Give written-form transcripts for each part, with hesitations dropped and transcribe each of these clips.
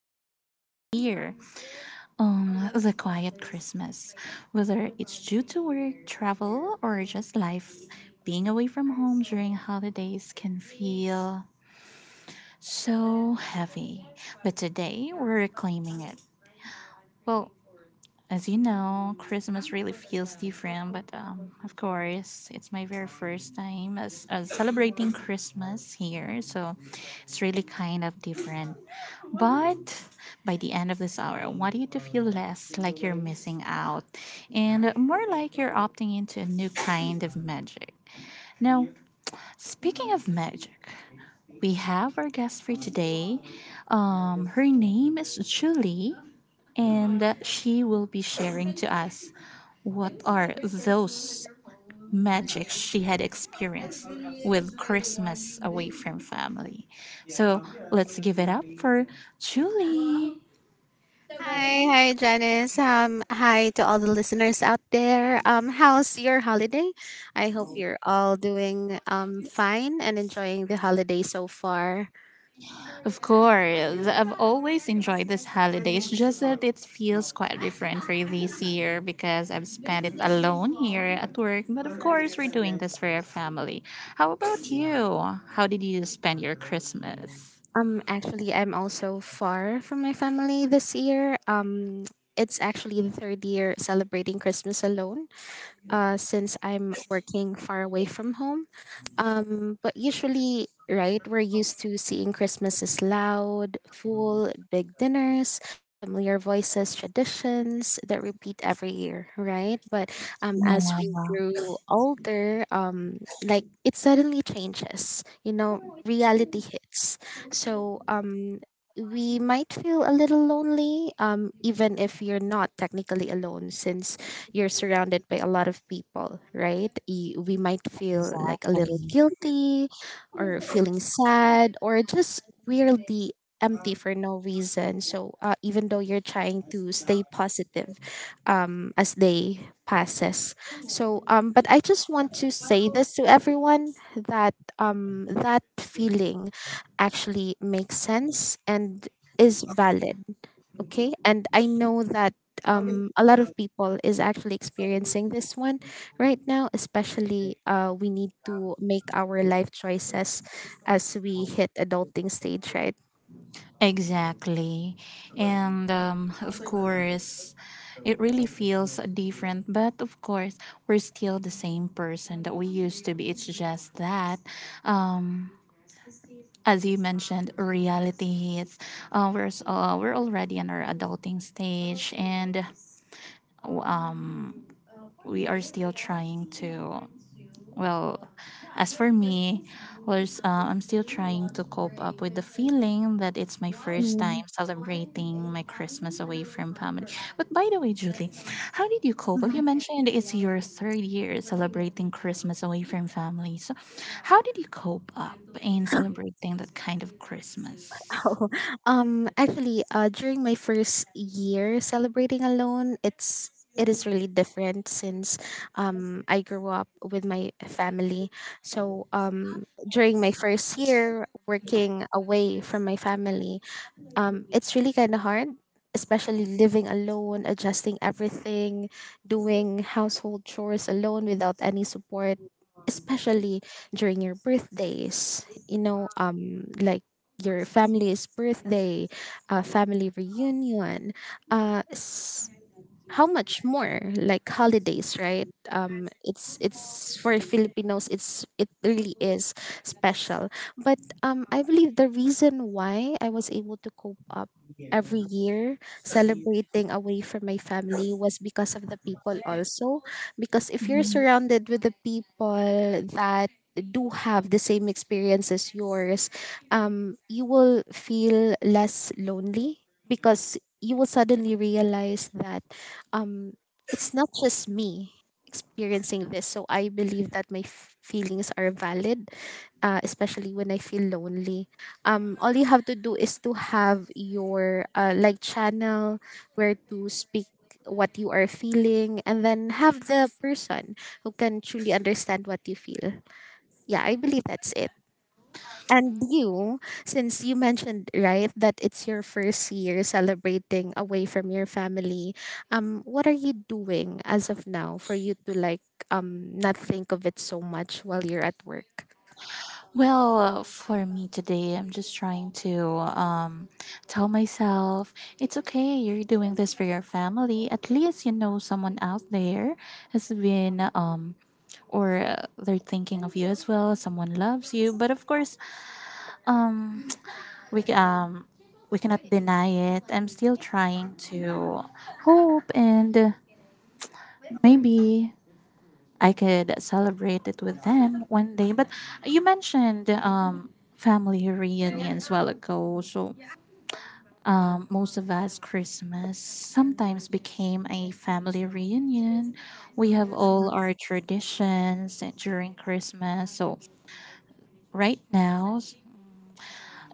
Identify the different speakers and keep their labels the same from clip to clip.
Speaker 1: many of us this year the quiet Christmas. Whether it's due to work, travel, or just life, being away from home during holidays can feel so heavy. But today we're reclaiming it. Well, as you know, Christmas really feels different, but of course, it's my very first time as celebrating Christmas here, so it's really kind of different. But by the end of this hour, I want you to feel less like you're missing out and more like you're opting into a new kind of magic. Now, speaking of magic, we have our guest for today. Her name is Julie, and she will be sharing to us what are those magics she had experienced with Christmas away from family. So let's give it up for Julie.
Speaker 2: Hi, hi Janice. Hi to all the listeners out there. How's your holiday? I hope you're all doing fine and enjoying the holiday so far.
Speaker 1: Of course, I've always enjoyed this holidays. Just that it feels quite different for this year because I've spent it alone here at work. But of course, we're doing this for our family. How about you? How did you spend your Christmas?
Speaker 2: Actually, I'm also far from my family this year. It's actually the third year celebrating Christmas alone, since I'm working far away from home. But usually, right, we're used to seeing Christmas as loud, full, big dinners, familiar voices, traditions that repeat every year, right? But as we
Speaker 1: Yeah,
Speaker 2: grew older, like it suddenly changes, you know, reality hits. So, we might feel a little lonely, even if you're not technically alone, since you're surrounded by a lot of people, right? We might feel like a little
Speaker 1: exactly.
Speaker 2: guilty or feeling sad or just weirdly empty for no reason. So even though you're trying to stay positive as day passes. So but I just want to say this to everyone that that feeling actually makes sense and is valid, okay? And I know that a lot of people is actually experiencing this one right now, especially we need to make our life choices as we hit adulting stage, right?
Speaker 1: Exactly. And of course, it really feels different. But of course, we're still the same person that we used to be. It's just that. Um, as you mentioned, reality hits. We're already in our adulting stage, and um we are still trying to, well, as for me, was I'm still trying to cope up with the feeling that it's my first time
Speaker 2: Mm,
Speaker 1: celebrating my Christmas away from family. But by the way, Julie, how did you cope up? You
Speaker 2: mhm.
Speaker 1: mentioned it's your third year celebrating Christmas away from family, so how did you cope up in celebrating that kind of Christmas?
Speaker 2: Oh, actually, during my first year celebrating alone, it is really different since I grew up with my family. So during my first year working away from my family, it's really kind of hard, especially living alone, adjusting everything, doing household chores alone without any support, especially during your birthdays. You know, like your family's birthday, family reunion, uh, s- how much more like holidays, right? It's for Filipinos, it's it really is special. But I believe the reason why I was able to cope up every year celebrating away from my family was because of the people also, because if you're surrounded with the people that do have the same experience as yours, you will feel less lonely because you will suddenly realize that um it's not just me experiencing this. So I believe that feelings are valid, especially when I feel lonely. All you have to do is to have your like channel where to speak what you are feeling, and then have the person who can truly understand what you feel. Yeah, I believe that's it. And you, since you mentioned, right, that it's your first year celebrating away from your family, what are you doing as of now for you to like not think of it so much while you're at work?
Speaker 1: Well, for me today, I'm just trying to tell myself it's okay. You're doing this for your family. At least you know someone out there has been, or they're thinking of you as well. Someone loves you, but of course, um, we um, we cannot deny it. I'm still trying to hope and maybe I could celebrate it with them one day. But you mentioned family reunions while ago. So most of us, Christmas sometimes became a family reunion. We have all our traditions during Christmas. So right now,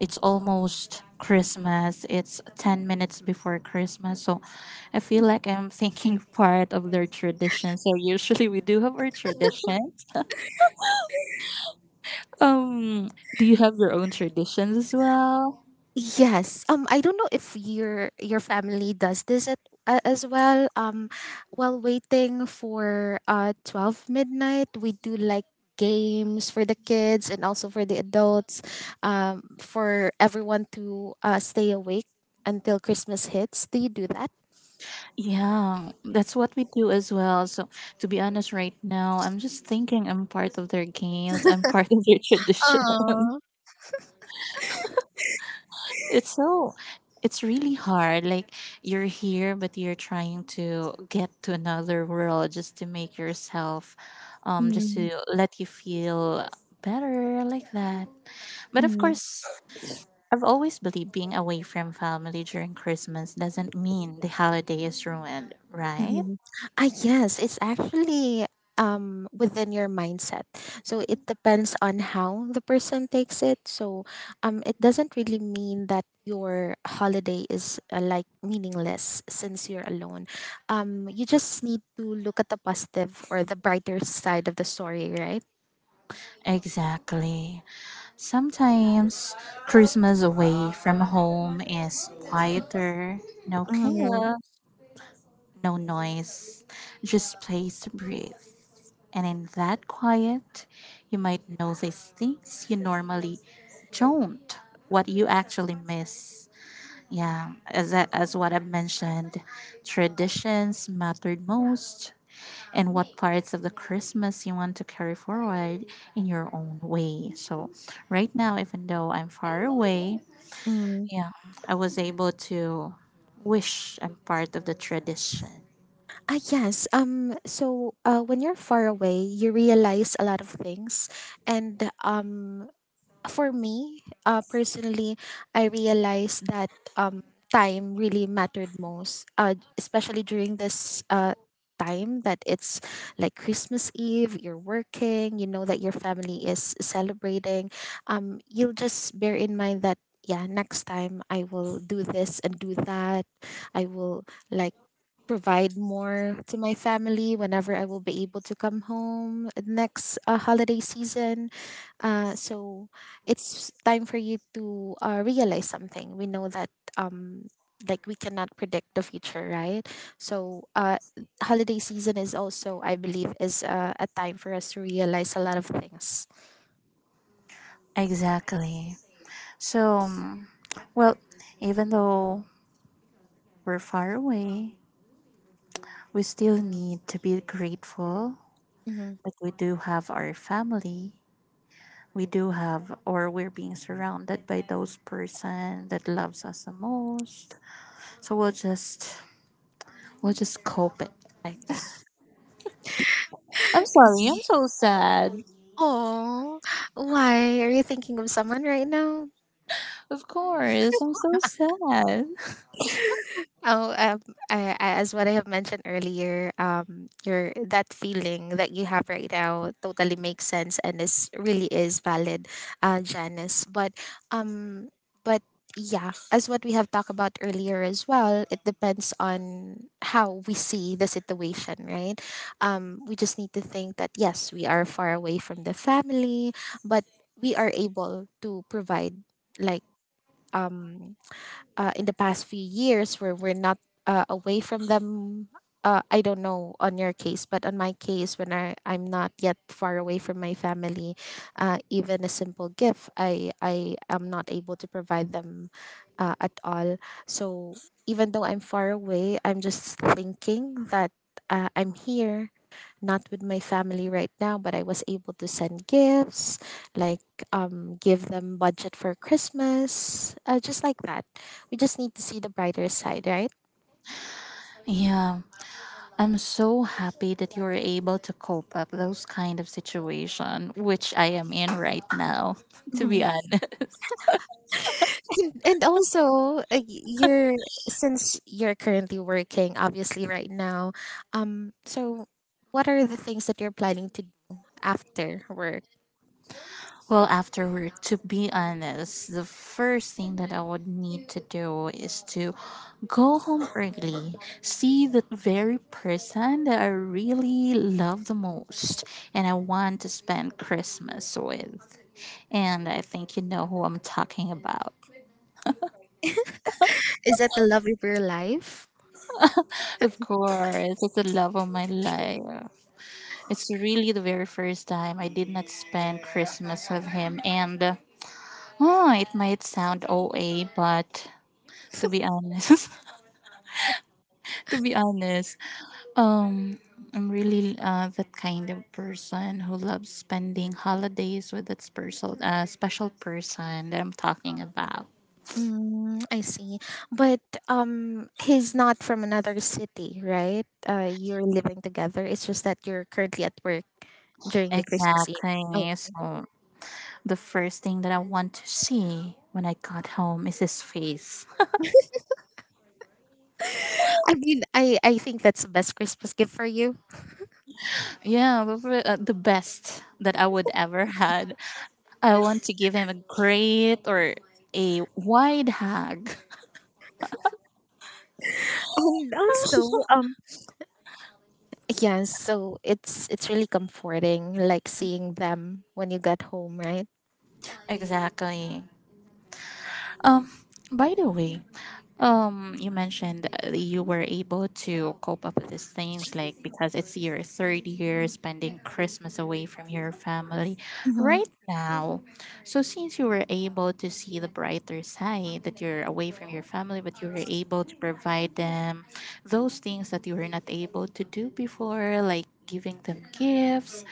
Speaker 1: it's almost Christmas. It's 10 minutes before Christmas. So I feel like I'm thinking part of their tradition. So usually we do have our traditions. Um, do you have your own traditions as well?
Speaker 2: Yes. I don't know if your family does this at, as well. While waiting for 12 midnight, we do like games for the kids and also for the adults, for everyone to stay awake until Christmas hits. Do you do that?
Speaker 1: Yeah, that's what we do as well. So, to be honest, right now, I'm just thinking I'm part of their games, I'm part of their tradition. It's so, it's really hard. Like, you're here, but you're trying to get to another world just to make yourself, just to let you feel better like that. But of
Speaker 2: Aww.
Speaker 1: course, I've always believed being away from family during Christmas doesn't mean the holiday is ruined, right?
Speaker 2: Mhm. Ah, yes, it's actually within your mindset. So it depends on how the person takes it. So it doesn't really mean that your holiday is like meaningless since you're alone. You just need to look at the positive or the brighter side of the story, right?
Speaker 1: Exactly. Sometimes Christmas away from home is quieter, no
Speaker 2: Mm,
Speaker 1: chaos, no noise, just place to breathe. And in that quiet, you might notice things you normally don't, what you actually miss. Yeah, as what I mentioned, traditions mattered most, and what parts of the Christmas you want to carry forward in your own way. So, right now, even though I'm far away,
Speaker 2: mm.
Speaker 1: yeah, I was able to wish I'm part of the tradition.
Speaker 2: Ah, yes. So when you're far away, you realize a lot of things, and um, for me, personally, I realized that um, time really mattered most, especially during this time that it's like Christmas Eve, you're working, you know that your family is celebrating. You'll just bear in mind that, yeah, next time I will do this and do that. I will like provide more to my family whenever I will be able to come home next holiday season. So it's time for you to realize something. We know that um, like we cannot predict the future, right? So holiday season is also, I believe, is a time for us to realize a lot of things.
Speaker 1: Exactly. So, well, even though we're far away, we still need to be grateful
Speaker 2: Mm-hmm.
Speaker 1: that we do have our family, we do have, or we're being surrounded by those person that loves us the most, so we'll just, we'll just cope it like that. I'm sorry, I'm so sad.
Speaker 2: Oh, why are you thinking of someone right now?
Speaker 1: Of course I'm so sad.
Speaker 2: Oh, as what I have mentioned earlier, your that feeling that you have right now totally makes sense and is really is valid, Janice. Um, but yeah, as what we have talked about earlier as well, it depends on how we see the situation, right? We just need to think that yes, we are far away from the family, but we are able to provide like um in the past few years where we're not away from them. I don't know on your case, but on my case, when I'm not yet far away from my family, even a simple gift, I am not able to provide them at all. So even though I'm far away, I'm just thinking that I'm here, not with my family right now, but I was able to send gifts, like give them budget for Christmas, just like that. We just need to see the brighter side, right?
Speaker 1: Yeah, I'm so happy that you're able to cope up those kind of situation which I am in right now. To be
Speaker 2: Mhm.
Speaker 1: honest.
Speaker 2: And also, you're since you're currently working, obviously, right now. So what are the things that you're planning to do after work?
Speaker 1: Well, afterward, to be honest, the first thing that I would need to do is to go home early, see the very person that I really love the most and I want to spend Christmas with. And I think you know who I'm talking about.
Speaker 2: Is that the love of your life?
Speaker 1: Of course, it's the love of my life. It's really the very first time I did not spend Christmas with him. And oh, it might sound OA, but to be honest, to be honest, um, I'm really that kind of person who loves spending holidays with that special person that I'm talking about.
Speaker 2: Mm, I see. But he's not from another city, right? You're living together. It's just that you're currently at work during the Christmas Eve.
Speaker 1: Exactly.
Speaker 2: Okay.
Speaker 1: So the first thing that I want to see when I got home is his face.
Speaker 2: I mean, I think that's the best Christmas gift for you.
Speaker 1: Yeah, the best that I would ever had. I want to give him a great or a wide hug.
Speaker 2: And also, yeah, so it's really comforting, like seeing them when you get home, right?
Speaker 1: Exactly. Um, by the way, you mentioned you were able to cope up with these things, like because it's your third year spending Christmas away from your family. Right now, so since you were able to see the brighter side that you're away from your family, but you were able to provide them those things that you were not able to do before, like giving them gifts.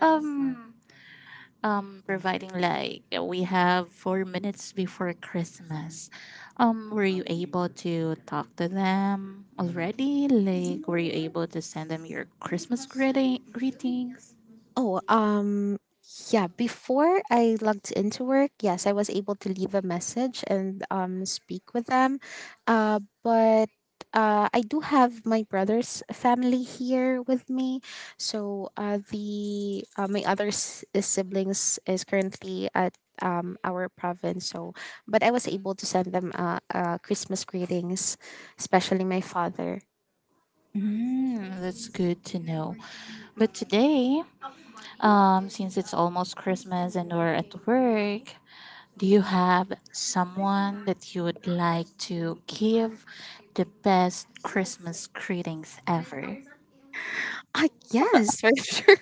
Speaker 1: Um, providing like We have 4 minutes before Christmas. Were you able to talk to them already? Like, were you able to send them your Christmas greetings?
Speaker 2: Oh, yeah. Before I logged into work, yes, I was able to leave a message and speak with them, but. I do have my brother's family here with me, so the my other siblings is currently at our province. So, but I was able to send them Christmas greetings, especially my father.
Speaker 1: Mm, that's good to know. But today, since it's almost Christmas and we're at work, do you have someone that you would like to give the best Christmas greetings ever?
Speaker 2: Yes, for sure.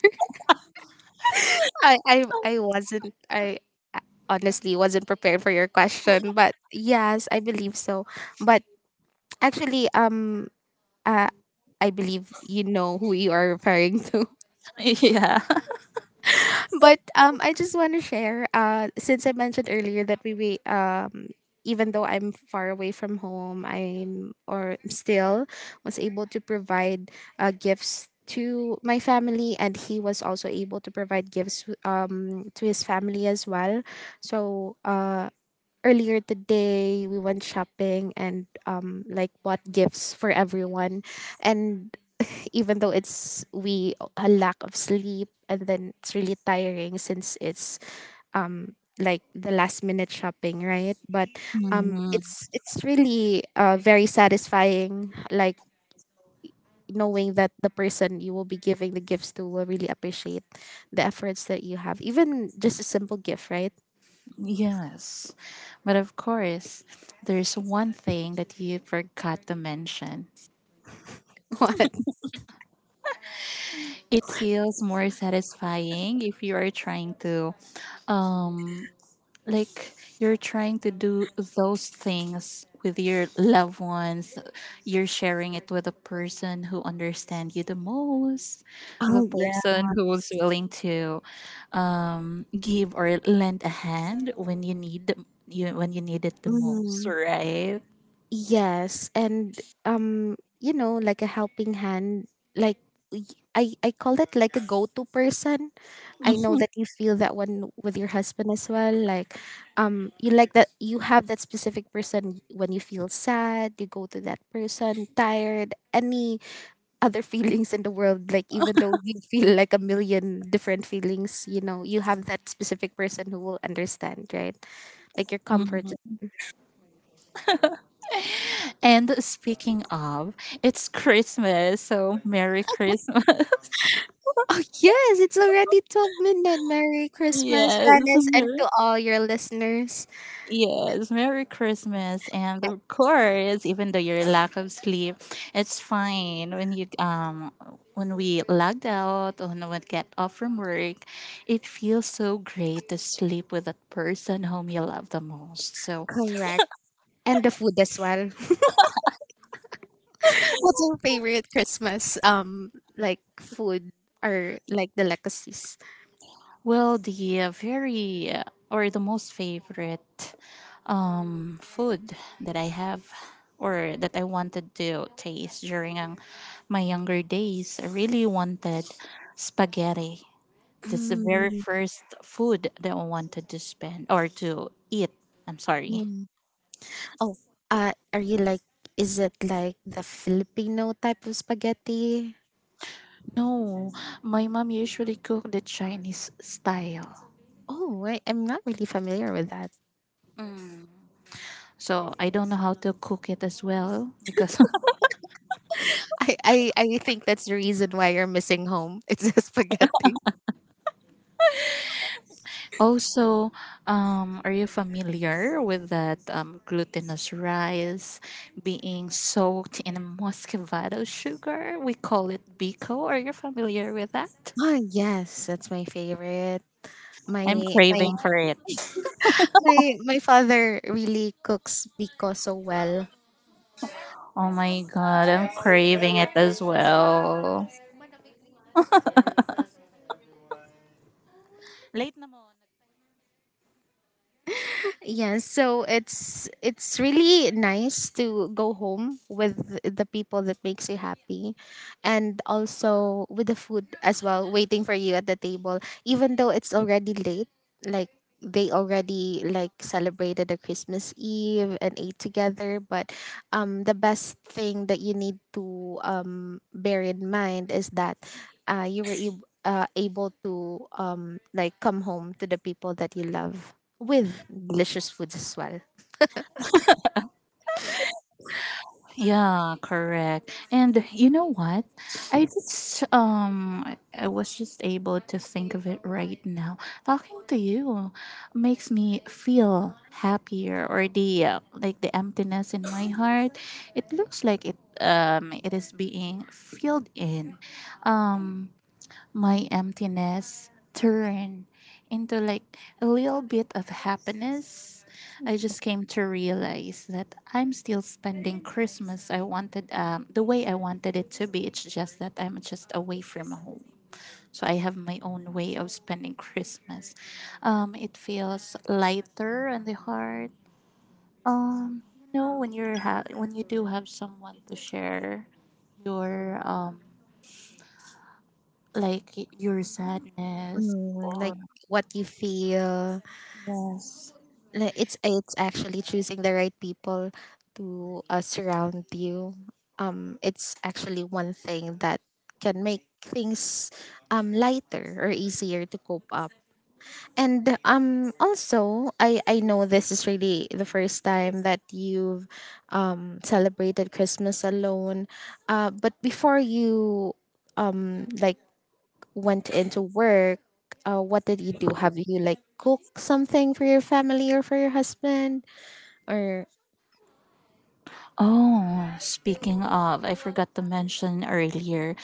Speaker 2: I honestly wasn't prepared for your question, but yes, I believe so. But actually, uh, I believe you know who you are referring to.
Speaker 1: Yeah.
Speaker 2: But I just want to share. Since I mentioned earlier that we even though I'm far away from home, I'm or still was able to provide gifts to my family, and he was also able to provide gifts to his family as well. So earlier today we went shopping and like bought gifts for everyone, and even though it's we a lack of sleep and then it's really tiring since it's like the last minute shopping, right? But
Speaker 1: Mm,
Speaker 2: it's really very satisfying, like knowing that the person you will be giving the gifts to will really appreciate the efforts that you have, even just a simple gift, right?
Speaker 1: yes. But of course, there's one thing that you forgot to mention.
Speaker 2: What?
Speaker 1: It feels more satisfying if you are trying to um, like, you're trying to do those things with your loved ones, you're sharing it with a person who understands you the most, the
Speaker 2: Oh, yeah.
Speaker 1: person who's willing to give or lend a hand when you when you need it the most, right?
Speaker 2: Yes, and you know, like a helping hand, like y- I call it like a go-to person. I know that you feel that one with your husband as well. Like, you like that you have that specific person when you feel sad, you go to that person, tired, any other feelings in the world. Like even though you feel like a million different feelings, you know, you have that specific person who will understand, right? Like your comfort.
Speaker 1: Mhm. And speaking of, it's Christmas, so Merry Christmas.
Speaker 2: Oh, yes, it's already 12 midnight. Merry Christmas,
Speaker 1: Yes,
Speaker 2: Janice, and
Speaker 1: Merry.
Speaker 2: to all your listeners.
Speaker 1: Yes, Merry Christmas. And of course, even though your lack of sleep, it's fine when you when we logged out, or when we get off from work, it feels so great to sleep with that person whom you love the most. So,
Speaker 2: Correct. And the food as well. What's your favorite Christmas like food or like delicacies?
Speaker 1: well, the very or the most favorite food that I have or that I wanted to taste during my younger days, I really wanted spaghetti. That's the very
Speaker 2: Mm,
Speaker 1: first food that I wanted to spend or to eat. I'm sorry.
Speaker 2: mm. Oh, are you like is it like the Filipino type of spaghetti?
Speaker 1: No, my mom usually cook the Chinese style.
Speaker 2: Oh, I'm not really familiar with that.
Speaker 1: So I don't know how to cook it as well, because
Speaker 2: I think that's the reason why you're missing home. It's the spaghetti.
Speaker 1: also, are you familiar with that glutinous rice being soaked in muscovado sugar? We call it biko. Are you familiar with that?
Speaker 2: Oh, yes, that's my favorite. My
Speaker 1: I'm
Speaker 2: my
Speaker 1: craving for it.
Speaker 2: my my father really cooks biko so well.
Speaker 1: Oh my god, I'm craving it as well. Late na mo.
Speaker 2: Yeah, so it's really nice to go home with the people that makes you happy, and also with the food as well waiting for you at the table, even though it's already late, like they already like celebrated the Christmas Eve and ate together. But the best thing that you need to bear in mind is that you were able to like come home to the people that you love with delicious foods as well.
Speaker 1: Yeah, correct. And you know what? I just I was just able to think of it right now. Talking to you makes me feel happier, or the like the emptiness in my heart. It looks like it is being filled in. Um my emptiness turn into like a little bit of happiness. I just came to realize that I'm still spending Christmas I wanted, the way I wanted it to be. It's just that I'm just away from home. So I have my own way of spending Christmas. It feels lighter on the heart. Um, you know when when you do have someone to share your like your sadness.
Speaker 2: Mm, like what you feel.
Speaker 1: Yes.
Speaker 2: Like it's actually choosing the right people to surround you. It's actually one thing that can make things lighter or easier to cope up. And also I know this is really the first time that you've celebrated Christmas alone. But before you like went into work, what did you do? Have you like cooked something for your family or for your husband? Or
Speaker 1: Oh, speaking of, I forgot to mention earlier.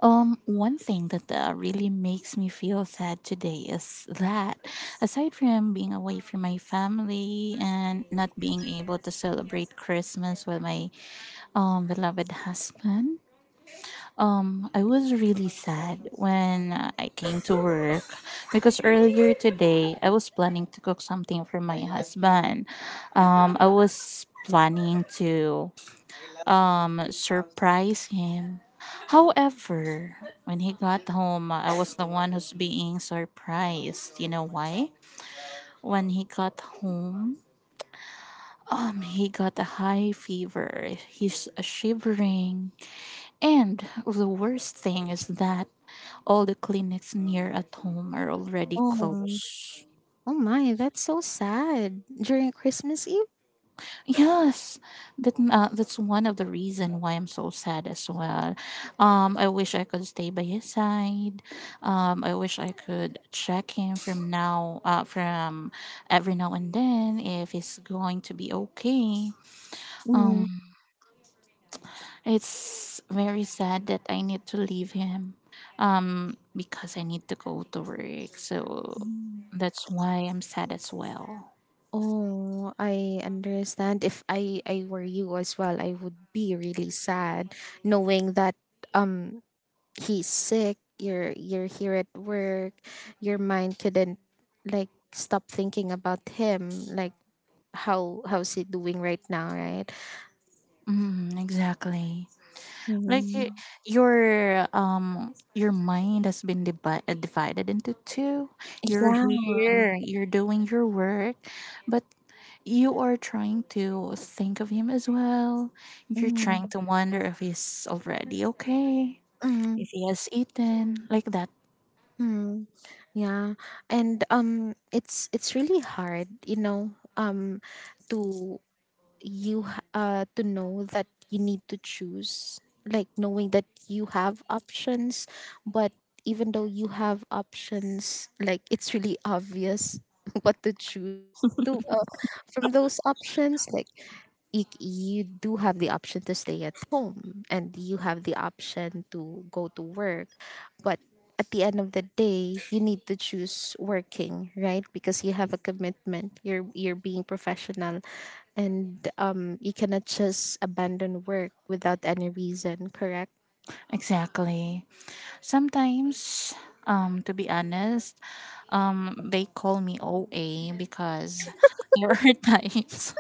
Speaker 1: One thing that really makes me feel sad today is that aside from being away from my family and not being able to celebrate Christmas with my beloved husband, I was really sad when I came to work because earlier today I was planning to cook something for my husband. I was planning to surprise him. However, when he got home, I was the one who's being surprised. You know why? When he got home, he got a high fever. He's shivering, and the worst thing is that all the clinics near at home are already
Speaker 2: oh,
Speaker 1: closed.
Speaker 2: oh my, that's so sad during Christmas Eve.
Speaker 1: Yes, that that's one of the reason why I'm so sad as well. I wish I could stay by his side. I wish I could check him from now, from every now and then if he's going to be okay.
Speaker 2: Mm.
Speaker 1: Um, it's very sad that I need to leave him. Because I need to go to work, so
Speaker 2: Mm.
Speaker 1: that's why I'm sad as well.
Speaker 2: Oh, I understand. If I were you as well, I would be really sad knowing that um he's sick. You're here at work. Your mind couldn't, like, stop thinking about him. Like how's it doing right now, right?
Speaker 1: Mm, exactly. like y-
Speaker 2: Mm-hmm.
Speaker 1: your um your mind has been divided into two. You're
Speaker 2: Yeah.
Speaker 1: here, you're doing your work, but you are trying to think of him as well. You're trying
Speaker 2: Mm,
Speaker 1: to wonder if he's already okay,
Speaker 2: mm,
Speaker 1: if he has eaten, like that.
Speaker 2: mm, yeah. And it's really hard, to to know that you need to choose, like knowing that you have options, but even though you have options, like it's really obvious what to choose to from those options. Like, you do have the option to stay at home and you have the option to go to work, but at the end of the day you need to choose working, right? Because you have a commitment, you're being professional. And you cannot just abandon work without any reason, correct?
Speaker 1: Exactly. Sometimes, to be honest, they call me OA because there are times.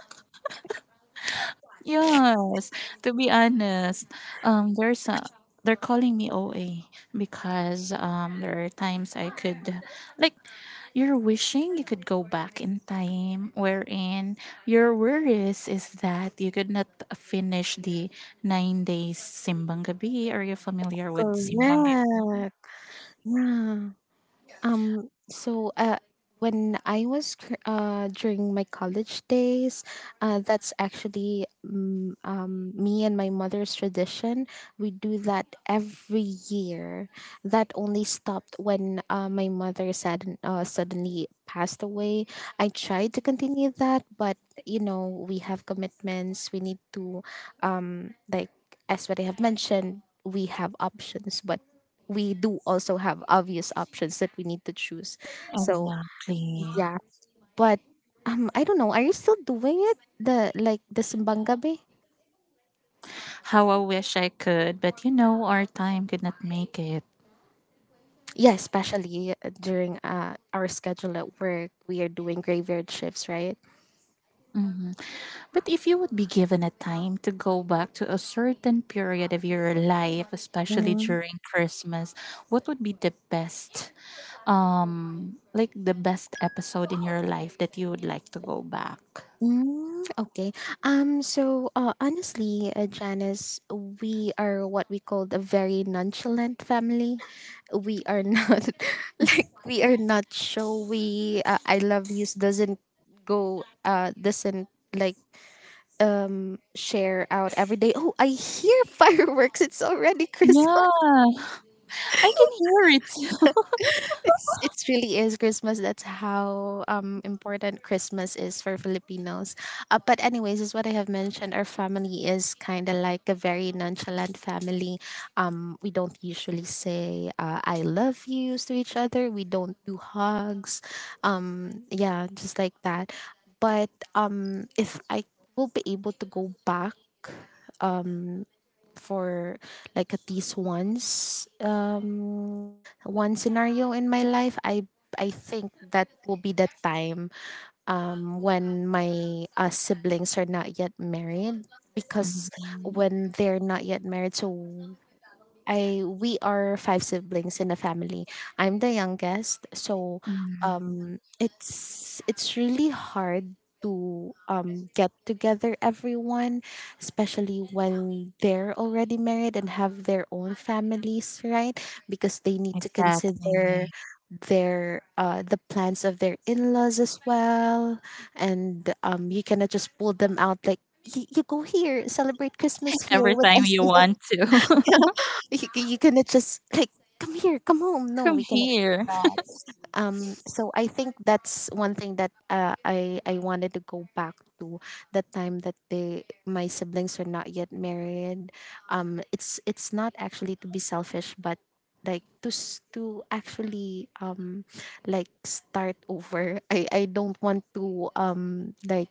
Speaker 1: Yes, to be honest, there's a they're calling me OA because there are times I could, like, you're wishing you could go back in time wherein your worries is that you could not finish the 9 days simbang gabi. Are you familiar with simbang gabi?
Speaker 2: Correct. Yeah. So, when I was during my college days, that's actually, me and my mother's tradition. We do that every year. That only stopped when my mother suddenly passed away. I tried to continue that, but, we have commitments. We need to, like, as what I have mentioned, we have options, but we do also have obvious options that we need to choose. So
Speaker 1: Exactly.
Speaker 2: yeah, but I don't know. Are you still doing it? The simbang gabi?
Speaker 1: How I wish I could, but you know our time could not make it.
Speaker 2: Yeah, especially during our schedule at work, we are doing graveyard shifts, right?
Speaker 1: Mm-hmm. But if you would be given a time to go back to a certain period of your life, especially during Christmas, what would be the best, like, the best episode in your life that you would like to go back?
Speaker 2: Mm, okay. So, honestly, Janice, we are what we call a very nonchalant family. We are not like we are not showy. I love yous doesn't go. Doesn't, like, share out every day. Oh, I hear fireworks. It's already Christmas.
Speaker 1: Yeah, I can hear it.
Speaker 2: It's really is Christmas. That's how important Christmas is for Filipinos. But anyways, as what I have mentioned, our family is kind of like a very nonchalant family. We don't usually say "I love yous" to each other. We don't do hugs. Yeah, just like that. But if I will be able to go back for, like, at least once, one scenario in my life, I think that will be the time when my siblings are not yet married, because
Speaker 1: Mhm,
Speaker 2: when they're not yet married, so I we are five siblings in a family. I'm the youngest, so
Speaker 1: mhm.
Speaker 2: it's really hard to get together everyone, especially when they're already married and have their own families, right? Because they need to
Speaker 1: Exactly.
Speaker 2: consider the plans of their in-laws as well. And you cannot just pull them out, like, you go here, celebrate Christmas here
Speaker 1: Every
Speaker 2: with
Speaker 1: time
Speaker 2: us.
Speaker 1: you want to.
Speaker 2: You cannot just, like, come here, come home. No,
Speaker 1: Come
Speaker 2: we cannot do
Speaker 1: here.
Speaker 2: that. So I think that's one thing that I wanted to go back to, the time that they my siblings are not yet married. It's not actually to be selfish, but, like, to actually, like, start over. I don't want to, like,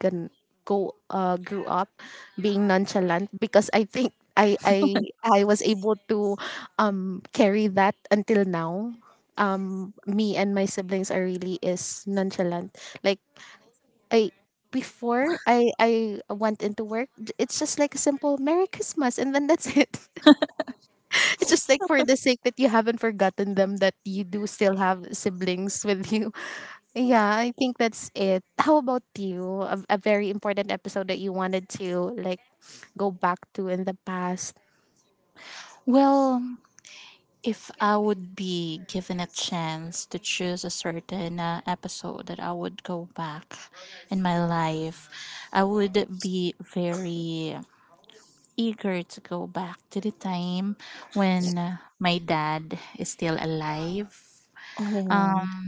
Speaker 2: can go grew up being nonchalant, because I think I was able to carry that until now. Me and my siblings are really is nonchalant. Like, I before I went into work, it's just like a simple Merry Christmas and then that's it. It's just like for the sake that you haven't forgotten them, that you do still have siblings with you. Yeah, I think that's it. How about you? A very important episode that you wanted to, like, go back to in the past.
Speaker 1: Well, if I would be given a chance to choose a certain episode that I would go back in my life, I would be very eager to go back to the time when my dad is still alive.
Speaker 2: Oh.
Speaker 1: Um,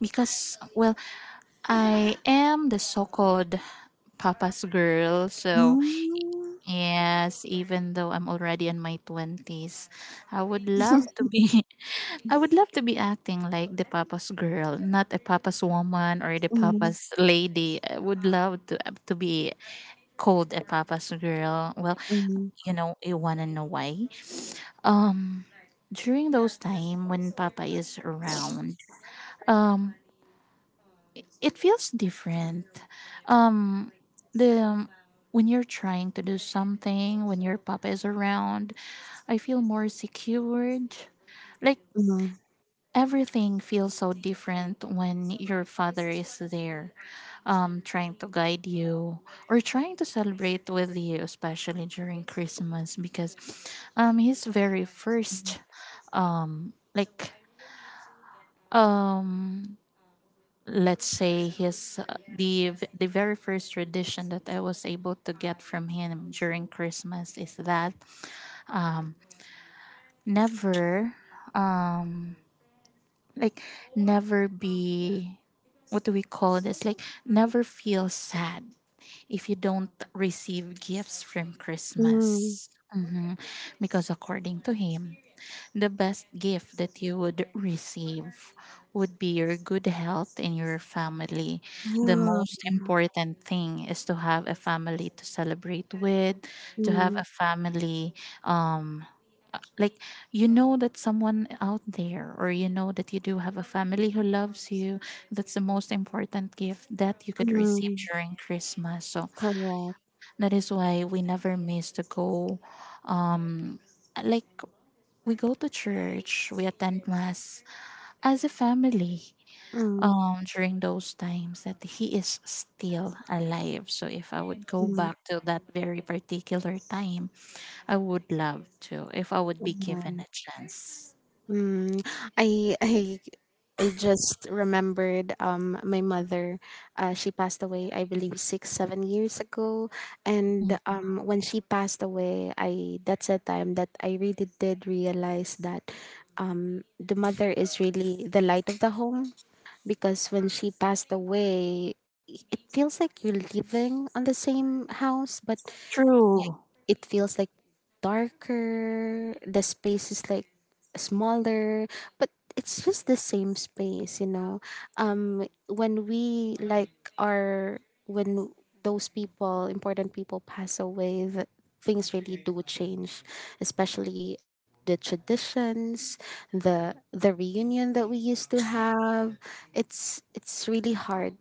Speaker 1: because, well, I am the so called papa's girl, so
Speaker 2: Mm,
Speaker 1: yes, even though I'm already in my 20s, I would love to be I would love to be acting like the papa's girl, not a papa's woman or the
Speaker 2: mm,
Speaker 1: papa's lady. I would love to be called a papa's girl. Well,
Speaker 2: mm,
Speaker 1: you want to know why? Um During those time when papa is around, um it feels different. Um, the When you're trying to do something, when your papa is around, I feel more secured. Like,
Speaker 2: mm,
Speaker 1: everything feels so different when your father is there, trying to guide you or trying to celebrate with you, especially during Christmas, because his very
Speaker 2: mm,
Speaker 1: first, um, like um let's say his the very first tradition that I was able to get from him during Christmas is that never, like, never be, what do we call this, like, never feel sad if you don't receive gifts from
Speaker 2: mm,
Speaker 1: Christmas. Mhm. Because according to him, the best gift that you would receive would be your good health and your family. The most important thing is to have a family to celebrate with, to have
Speaker 2: mm,
Speaker 1: a family, um like you know that someone out there, or you know that you do have a family who loves you. That's the most important gift that you could receive
Speaker 2: mm,
Speaker 1: during Christmas, so
Speaker 2: correct.
Speaker 1: that is why we never miss to go. Like, we go to church, we attend Mass as a family,
Speaker 2: Mm,
Speaker 1: during those times that He is still alive. So, if I would go
Speaker 2: mm,
Speaker 1: back to that very particular time, I would love to, if I would be given
Speaker 2: mm.
Speaker 1: a chance.
Speaker 2: Mm, I I I just remembered my mother. She passed away, I believe, 6-7 years ago. And
Speaker 1: Mm.
Speaker 2: when she passed away, I that's a time that I really did realize that the mother is really the light of the home, because when she passed away, it feels like you're living on the same house, but
Speaker 1: True.
Speaker 2: it feels like darker, the space is like smaller, but it's just the same space, you know. When we like are when those people important people pass away, things really do change, especially like the traditions, the reunion that we used to have. It's really hard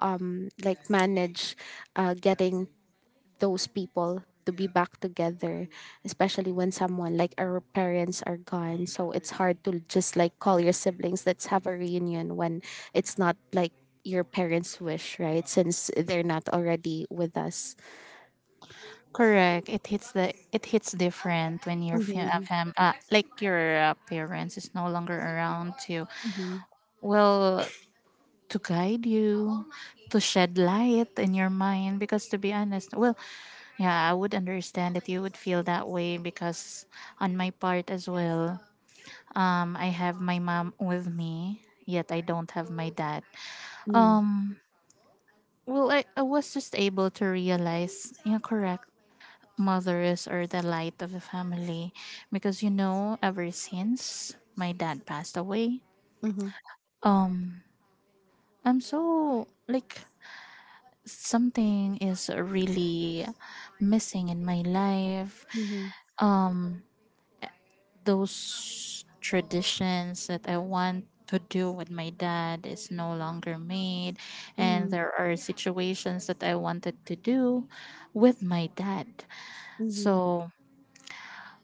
Speaker 2: like, manage getting those people to be back together, especially when someone like our parents are gone. So it's hard to just, like, call your siblings, let's have a reunion, when it's not like your parents' wish, right? Since they're not already with us.
Speaker 1: Correct. It hits different when your fam,
Speaker 2: Mhm,
Speaker 1: fam like your parents is no longer around to,
Speaker 2: mhm,
Speaker 1: well, to guide you, to shed light in your mind. Because to be honest, well, yeah, I would understand that you would feel that way because on my part as well, I have my mom with me, yet I don't have my dad.
Speaker 2: mm,
Speaker 1: Well, I was just able to realize, correct, mothers are the light of the family. Because, ever since my dad passed away,
Speaker 2: mhm,
Speaker 1: I'm so, like, something is really missing in my life.
Speaker 2: mhm,
Speaker 1: Those traditions that I want to do with my dad is no longer made, and
Speaker 2: mhm,
Speaker 1: there are situations that I wanted to do with my dad.
Speaker 2: mhm,
Speaker 1: So,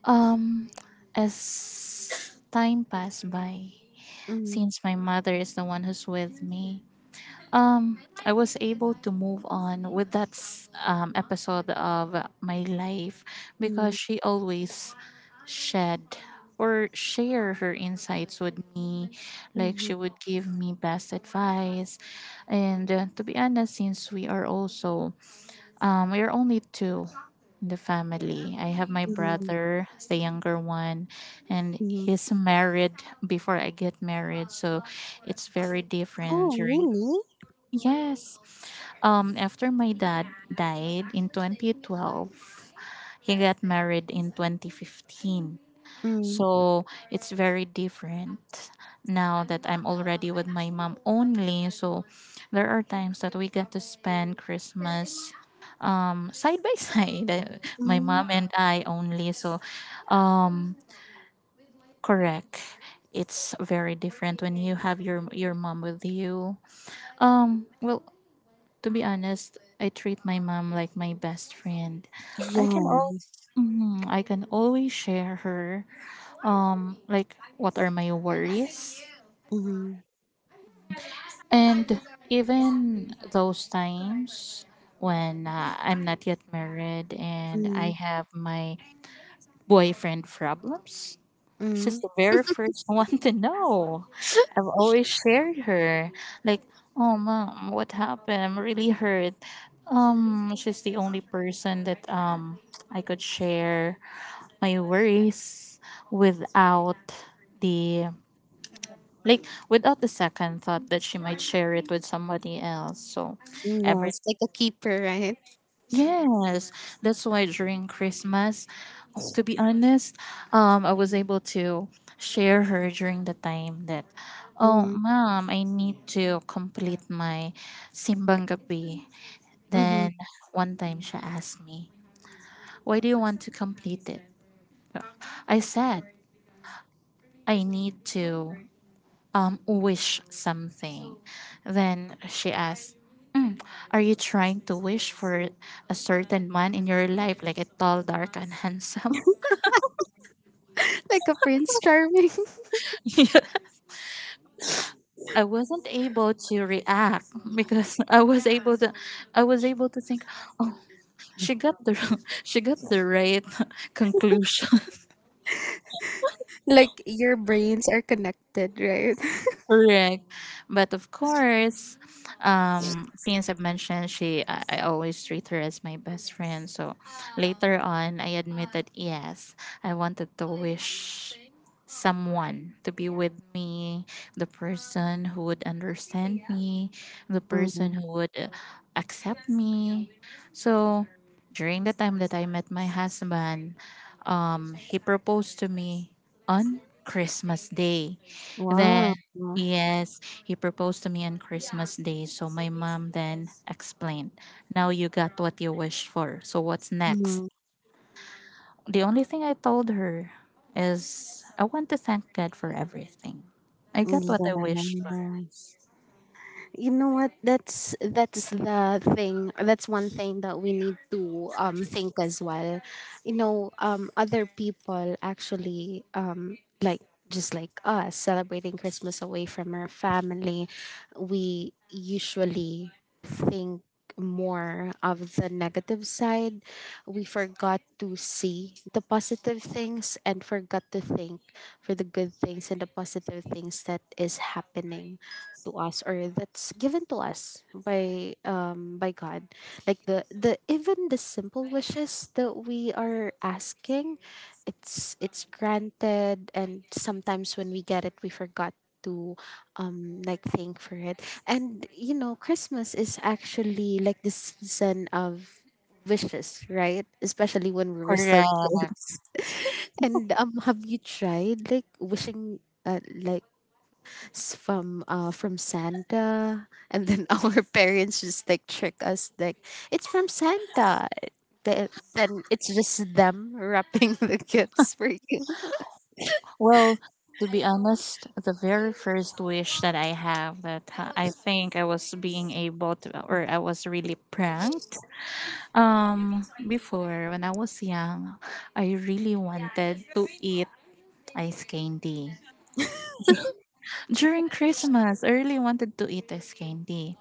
Speaker 1: um, as time passed by,
Speaker 2: mhm,
Speaker 1: since my mother is the one who's with me, I was able to move on with that episode of my life because
Speaker 2: mhm,
Speaker 1: she always shed or share her insights with me, like, she
Speaker 2: mhm,
Speaker 1: would give me best advice. And to be honest, since we are also, we are only two in the family. I have my
Speaker 2: mhm,
Speaker 1: brother, the younger one, and
Speaker 2: mhm.
Speaker 1: he's married before I get married, so it's very different
Speaker 2: Oh,
Speaker 1: during.
Speaker 2: really?
Speaker 1: Yes. After my dad died in 2012, he got married in 2015.
Speaker 2: Mm,
Speaker 1: So it's very different now that I'm already with my mom only. So there are times that we get to spend Christmas, side by side, my
Speaker 2: mm,
Speaker 1: mom and I only. So, um, correct. It's very different when you have your mom with you. Well, to be honest, I treat my mom like my best friend. I can all.
Speaker 2: yes.
Speaker 1: Mhm, I can always share her, what are my worries,
Speaker 2: Mm,
Speaker 1: and even those times when I'm not yet married and I
Speaker 2: mm,
Speaker 1: have my boyfriend problems. She's
Speaker 2: mm,
Speaker 1: the very first one to know. I've always shared her. Like, oh mom, what happened? I'm really hurt. She's the only person that I could share my worries without the, like, without the second thought that she might share it with somebody else. So every
Speaker 2: yes. Like a keeper, right?
Speaker 1: yes, that's why during Christmas, to be honest, I was able to share her during the time that, oh,
Speaker 2: Mm,
Speaker 1: mom, I need to complete my simbang gabi.
Speaker 2: mhm.
Speaker 1: Then one time she asked me, why do you want to complete it? I said, I need to wish something. Then she asked, are you trying to wish for a certain man in your life, like a tall, dark, and handsome?
Speaker 2: Like a prince charming.
Speaker 1: I wasn't able to react because I was able to think she got the she got the right conclusion.
Speaker 2: Like chains are connected.
Speaker 1: Correct. But of course, since I've mentioned she, I always treat her as my best friend. So later on, I admitted, yes, I wanted to wish someone to be with me, the person who would understand me, the person
Speaker 2: Hmm.
Speaker 1: who would accept me. So during the time that I met my husband, he proposed to me on Christmas Day. Then
Speaker 2: Wow.
Speaker 1: yes, he proposed to me on Christmas Day, so my mom then explained, now you got what you wished for, so what's next?
Speaker 2: Hmm.
Speaker 1: The only thing I told her is, I want to thank God for everything. I got what I wished for.
Speaker 2: Yeah. You know what? That's the thing. That's one thing that we need to think as well. You know, other people actually, like, just like us celebrating Christmas away from our family, we usually think more of the negative side. We forgot to see the positive things and forgot to think for the good things and the positive things that is happening to us, or that's given to us by God, like the even the simple wishes that we are asking, it's granted, and sometimes when we get it we forgot to, like, thank for it. And you know, Christmas is actually like the season of wishes, right? Especially when we were still
Speaker 1: Correct.
Speaker 2: kids. And have you tried, like, wishing, uh, like, from Santa, and then our parents just like trick us, like, it's from Santa? Then it's just them wrapping the gifts for you.
Speaker 1: Well, to be honest, the very first wish that I have that I think I was being able to, or I was really pranked. Before when I was young, I really wanted to eat ice candy. During Christmas, I really wanted to eat ice candy.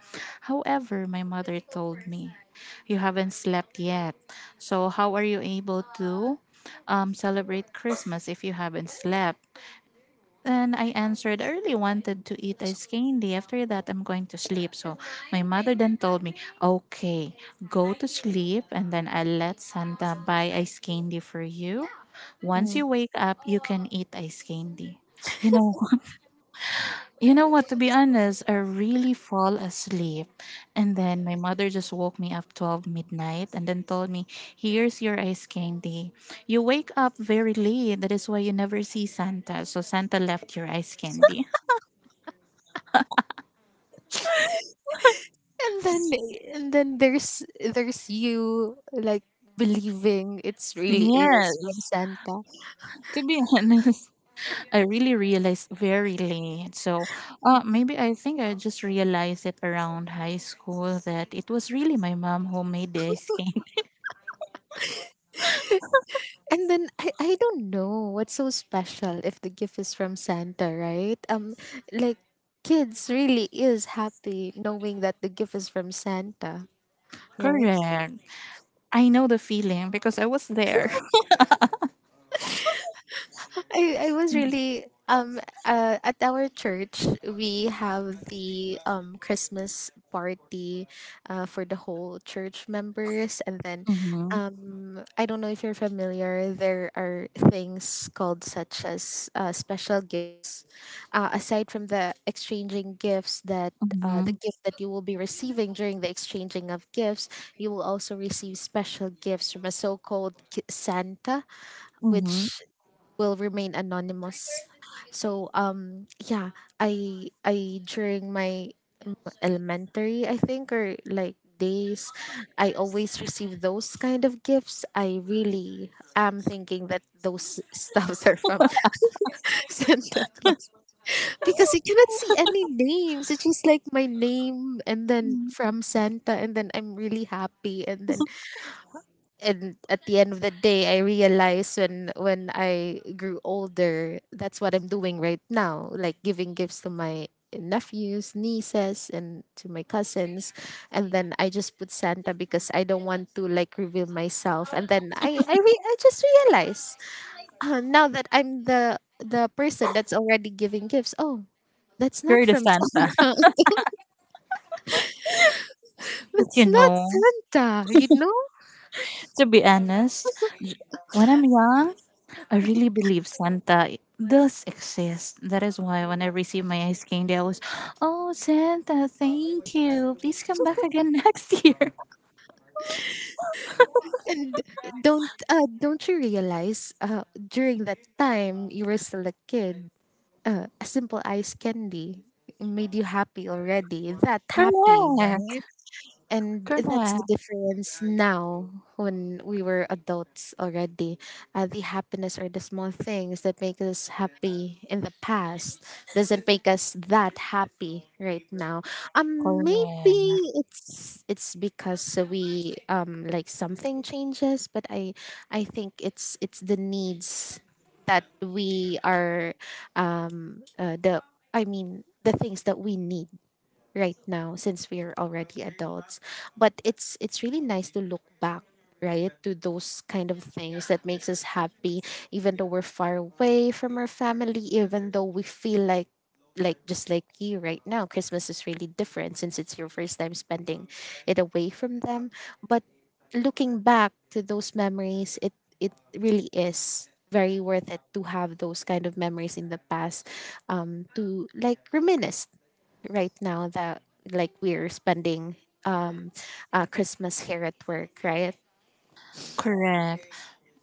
Speaker 1: However, my mother told me, you haven't slept yet. So, how are you able to celebrate Christmas if you haven't slept? And I answered, I really wanted to eat ice candy. After that, I'm going to sleep. So, my mother then told me, okay, go to sleep and then I'll let Santa buy ice candy for you. Once
Speaker 2: Mm.
Speaker 1: you wake up, you can eat ice candy. You know, you know what? To be honest, I really fall asleep. And then my mother just woke me up 12 midnight and then told me, here's your ice candy. You wake up very late. That is why you never see Santa. So Santa left your ice candy.
Speaker 2: and then and then there's you, like, believing it's really is from
Speaker 1: Yes,
Speaker 2: Santa.
Speaker 1: to be honest, I really realized very late. So, maybe I think I just realized it around high school that it was really my mom who made the ice cream.
Speaker 2: And then I don't know what's so special if the gift is from Santa, right? Like, kids really is happy knowing that the gift is from Santa, right?
Speaker 1: Correct. I know the feeling because I was there.
Speaker 2: I was really, at our church we have the Christmas party for the whole church members, and then,
Speaker 1: Mhm.
Speaker 2: I don't know if you're familiar, there are things called such as, special gifts, aside from the exchanging gifts, that the
Speaker 1: Mhm,
Speaker 2: gift that you will be receiving during the exchanging of gifts, you will also receive special gifts from a so-called Santa, which
Speaker 1: mhm.
Speaker 2: will remain anonymous. So, yeah, I during my elementary, I think, or like days, I always receive those kind of gifts. I really am thinking that those stuffs are from Santa Claus, because you cannot see any names. It's just like my name and then from Santa, and then I'm really happy. And then, and at the end of the day, I realized, when I grew older, that's what I'm doing right now, like giving gifts to my nephews, nieces, and to my cousins, and then I just put Santa because I don't want to, like, reveal myself. And then I I just realized, now that I'm the person that's already giving gifts. Oh, that's not
Speaker 1: You're the
Speaker 2: from
Speaker 1: Santa.
Speaker 2: Santa.
Speaker 1: But
Speaker 2: That's not Santa, you know.
Speaker 1: to be honest, when I'm young, I really believe Santa does exist. That is why when I receive my ice candy, I was, oh, Santa, thank you. Please come back again next year.
Speaker 2: And don't you realize, during that time you were still a kid, a simple ice candy made you happy already? That happy,
Speaker 1: Correct.
Speaker 2: right? And
Speaker 1: Correct.
Speaker 2: that's the difference now when we were adults already. The happiness or the small things that make us happy in the past doesn't make us that happy right now. Maybe
Speaker 1: Correct.
Speaker 2: it's because we, like, something changes, but I think it's the needs that we are, the I mean the things that we need right now since we're already adults. But it's really nice to look back, right, to those kind of things that makes us happy, even though we're far away from our family, even though we feel like you right now. Christmas is really different since it's your first time spending it away from them, but looking back to those memories, it really is very worth it to have those kind of memories in the past, to, like, reminisce right now that, like, we're spending, um Christmas here at work, right?
Speaker 1: Correct.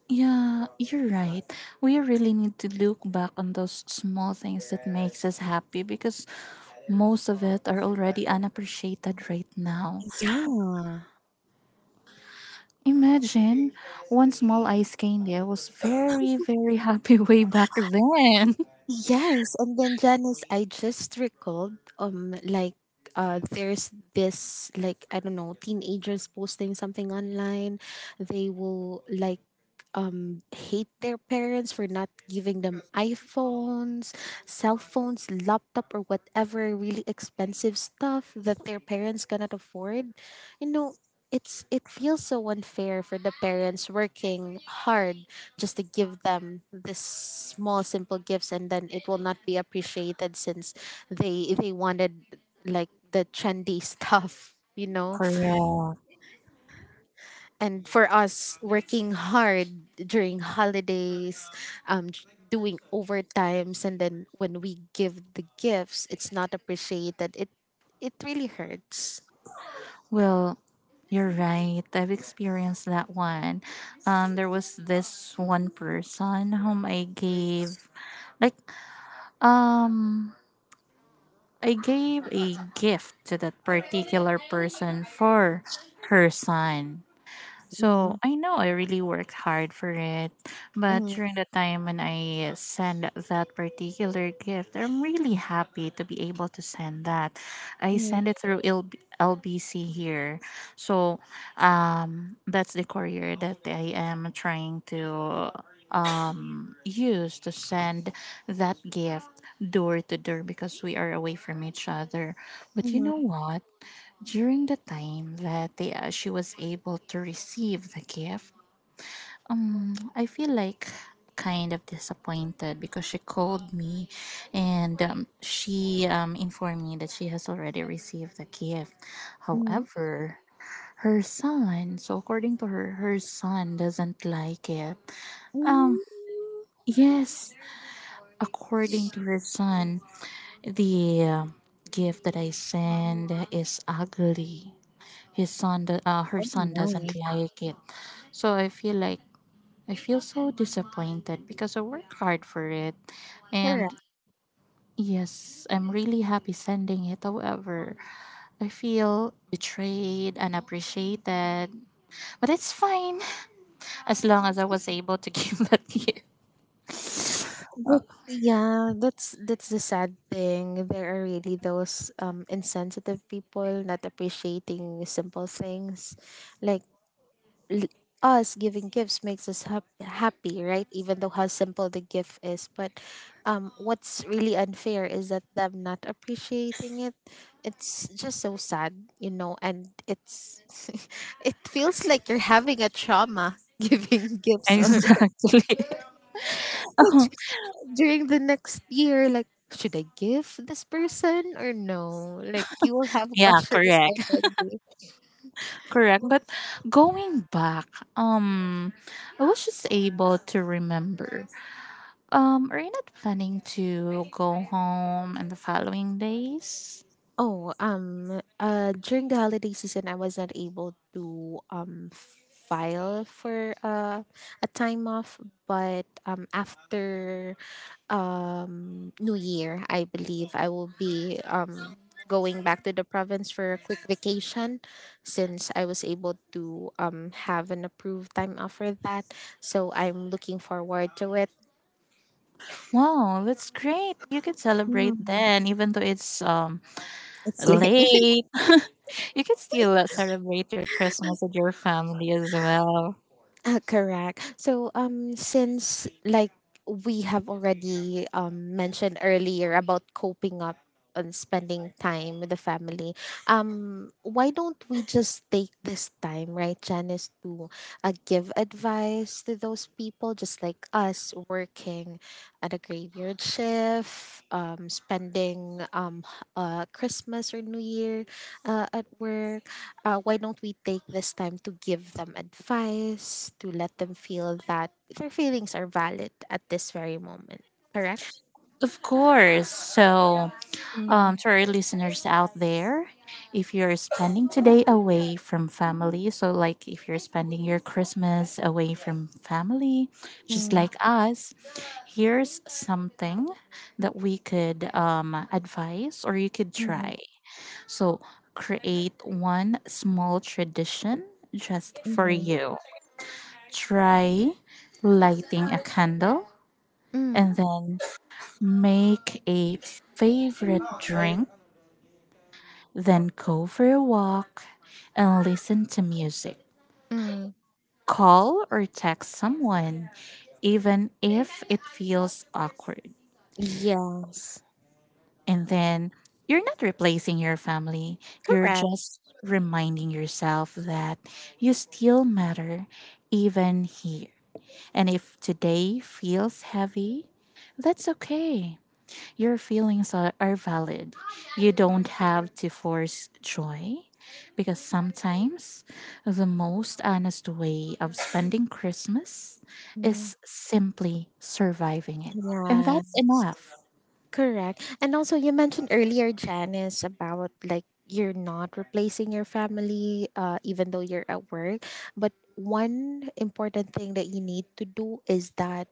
Speaker 1: Yeah, you're right. We really need to look back on those small things that makes us happy because most of it are already unappreciated right now.
Speaker 2: Yeah.
Speaker 1: Imagine one small ice candy. I was very, very happy way back then.
Speaker 2: Yes, and then, Janice, I just recalled, like, there's this, like, I don't know, teenagers posting something online. They will, like, hate their parents for not giving them iPhones, cell phones, laptop, or whatever really expensive stuff that their parents cannot afford. You know, it feels so unfair for the parents working hard just to give them this small simple gifts, and then it will not be appreciated since they wanted like the trendy stuff.
Speaker 1: Correct.
Speaker 2: And for us working hard during holidays, um j- doing overtimes, and then when we give the gifts, it's not appreciated. It really hurts.
Speaker 1: Well, you're right. I've experienced that one. There was this one person whom like, um, I gave a gift to that particular person for her son. So
Speaker 2: Mm,
Speaker 1: I know I really worked hard for it, but
Speaker 2: mm,
Speaker 1: during the time when I send that particular gift, I'm really happy to be able to send that. I
Speaker 2: mm,
Speaker 1: send it through LBC here. So, that's the courier that I am trying to use to send that gift door to door because we are away from each other. But you
Speaker 2: mm,
Speaker 1: know what, during the time that she was able to receive the gift, I feel like kind of disappointed because she called me and she, informed me that she has already received the gift.
Speaker 2: mm,
Speaker 1: However, her son, so according to her, her son doesn't like it. Um,
Speaker 2: mm.
Speaker 1: yes, according to her son, the gift that I send is ugly, her
Speaker 2: Oh
Speaker 1: son doesn't
Speaker 2: my,
Speaker 1: like it. So I feel like, I feel so disappointed because I work hard for it. And
Speaker 2: correct.
Speaker 1: yes, I'm really happy sending it. However, I feel betrayed and appreciated, but it's fine. As long as I was able to give that gift.
Speaker 2: But yeah, that's the sad thing. There are really those insensitive people not appreciating simple things, like l- us giving gifts makes us happy, right? Even though how simple the gift is, but what's really unfair is that them not appreciating it. It's just so sad, you know, and it's it feels like you're having a trauma giving gifts or
Speaker 1: Exactly.
Speaker 2: during the next year, like. Should I give this person or no? Like you will have
Speaker 1: Yeah,
Speaker 2: questions
Speaker 1: correct.
Speaker 2: already.
Speaker 1: Correct, but going back, um I was just able to remember. Are you not planning to go home in the following days?
Speaker 2: Oh, during the holiday season, I was not able to file for a time off, but after New Year, I believe I will be going back to the province for a quick vacation since I was able to have an approved time off for that. So I'm looking forward to it.
Speaker 1: Wow, that's great. You can celebrate then, even though it's
Speaker 2: It's
Speaker 1: late. You can still celebrate your Christmas with your family as well.
Speaker 2: Correct. So since like we have already mentioned earlier about coping up and spending time with the family. Why don't we just take this time, right, Janice, to give advice to those people just like us working at a graveyard shift, spending Christmas or New Year at work. Uh, why don't we take this time to give them advice, to let them feel that their feelings are valid at this very moment, correct?
Speaker 1: Of course. So,
Speaker 2: Mm,
Speaker 1: to our listeners out there, if you're spending today away from family, so like if you're spending your Christmas away from family, just
Speaker 2: mm,
Speaker 1: like us, here's something that we could, advise or you could
Speaker 2: mm,
Speaker 1: try. So, create one small tradition just for
Speaker 2: mm,
Speaker 1: you. Try lighting a candle, and
Speaker 2: mm,
Speaker 1: then make a favorite drink, then go for a walk and listen to music.
Speaker 2: mm.
Speaker 1: Call or text someone, even if it feels awkward.
Speaker 2: Yes.
Speaker 1: And then, you're not replacing your family, you're
Speaker 2: Correct.
Speaker 1: just reminding yourself that you still matter, even here. And if today feels heavy, that's okay. Your feelings are valid. You don't have to force joy, because sometimes the most honest way of spending Christmas
Speaker 2: Mm,
Speaker 1: is simply surviving it. And
Speaker 2: yeah.
Speaker 1: that's enough.
Speaker 2: Correct. And also, you mentioned earlier, Janice, about like you're not replacing your family, even though you're at work. But one important thing that you need to do is that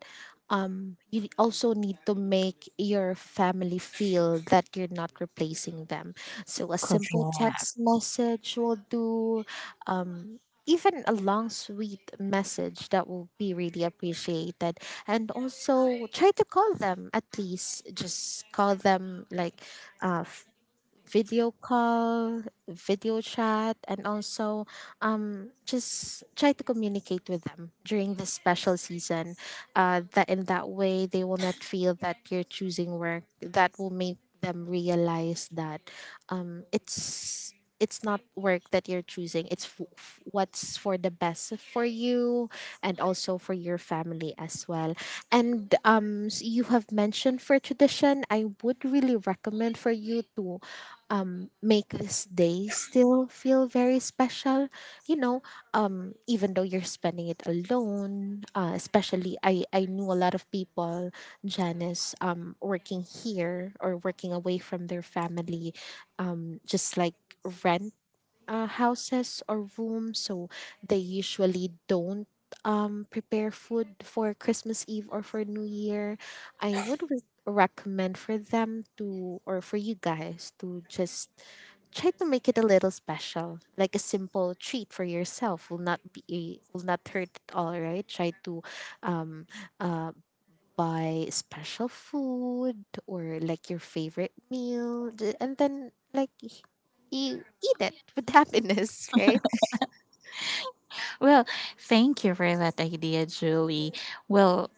Speaker 2: you also need to make your family feel that you're not replacing them. So a simple text
Speaker 1: Correct.
Speaker 2: message will do. Um, Even a long, sweet message that will be really appreciated, and also try to call them, at least just call them like uh, video call, video chat, and also just try to communicate with them during this special season. That in that way they will not feel that you're choosing work. That will make them realize that it's not work that you're choosing. It's what's for the best for you and also for your family as well. And you have mentioned for tradition. I would really recommend for you to make this day still feel very special. You know, even though you're spending it alone, especially I knew a lot of people, Janice, working here or working away from their family, just like rent houses or rooms, so they usually don't prepare food for Christmas Eve or for New Year. I would recommend for them to, or for you guys to just try to make it a little special. Like a simple treat for yourself will not be will not hurt at all, right? Try to um uh buy special food or like your favorite meal, and then, like, you eat it with happiness, right?
Speaker 1: Well, thank you for that idea, Julie. Well,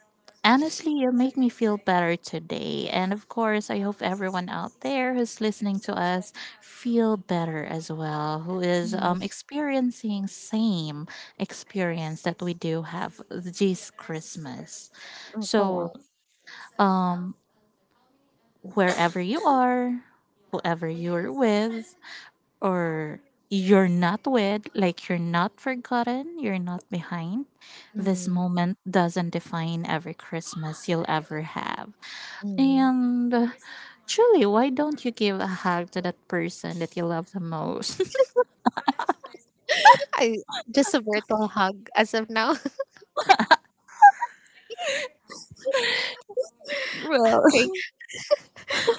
Speaker 1: honestly, you make me feel better today. And of course, I hope everyone out there who's listening to us feel better as well, who is,
Speaker 2: Mm,
Speaker 1: experiencing same experience that we do have this Christmas.
Speaker 2: mm,
Speaker 1: So,
Speaker 2: correct.
Speaker 1: um, wherever you are, whoever you're with, or you're not with, like, you're not forgotten, you're not behind. This
Speaker 2: Mm,
Speaker 1: moment doesn't define every Christmas you'll ever have.
Speaker 2: mm.
Speaker 1: And truly, why don't you give a hug to that person that you love the most?
Speaker 2: I just a virtual hug as of now.
Speaker 1: Well,
Speaker 2: Okay,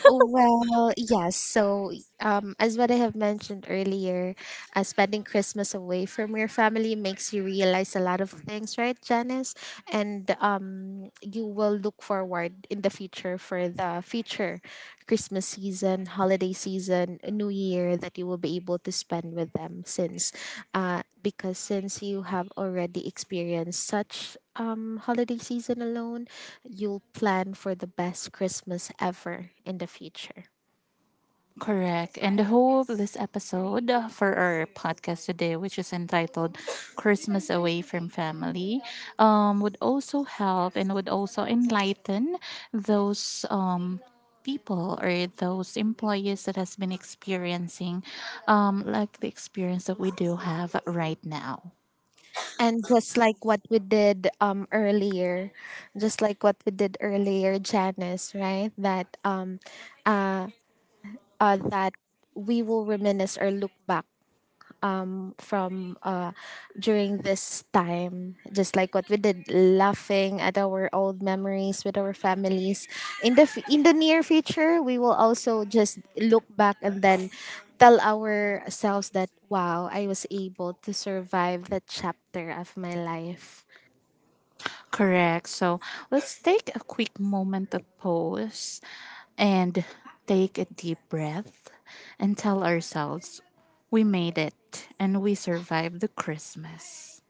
Speaker 2: well, yes. So, as what I have mentioned earlier, spending Christmas away from your family makes you realize a lot of things, right, Janice? And you will look forward in the future for the future Christmas season, holiday season, New Year that you will be able to spend with them since, because since you have already experienced such holiday season alone, you'll plan for the best Christmas ever in the future.
Speaker 1: correct. And the whole of this episode, for our podcast today, which is entitled Christmas Away from Family, would also help and would also enlighten those, people or those employees that has been experiencing, like the experience that we do have right now.
Speaker 2: And just like what we did earlier, Janice, right? That uh, that we will reminisce or look back from during this time, just like what we did laughing at our old memories with our families. In the in the near future, we will also just look back and then tell ourselves that, wow, I was able to survive that chapter of my life.
Speaker 1: Correct. So, let's take a quick moment of pause, and take a deep breath, and tell ourselves we made it and we survived the Christmas.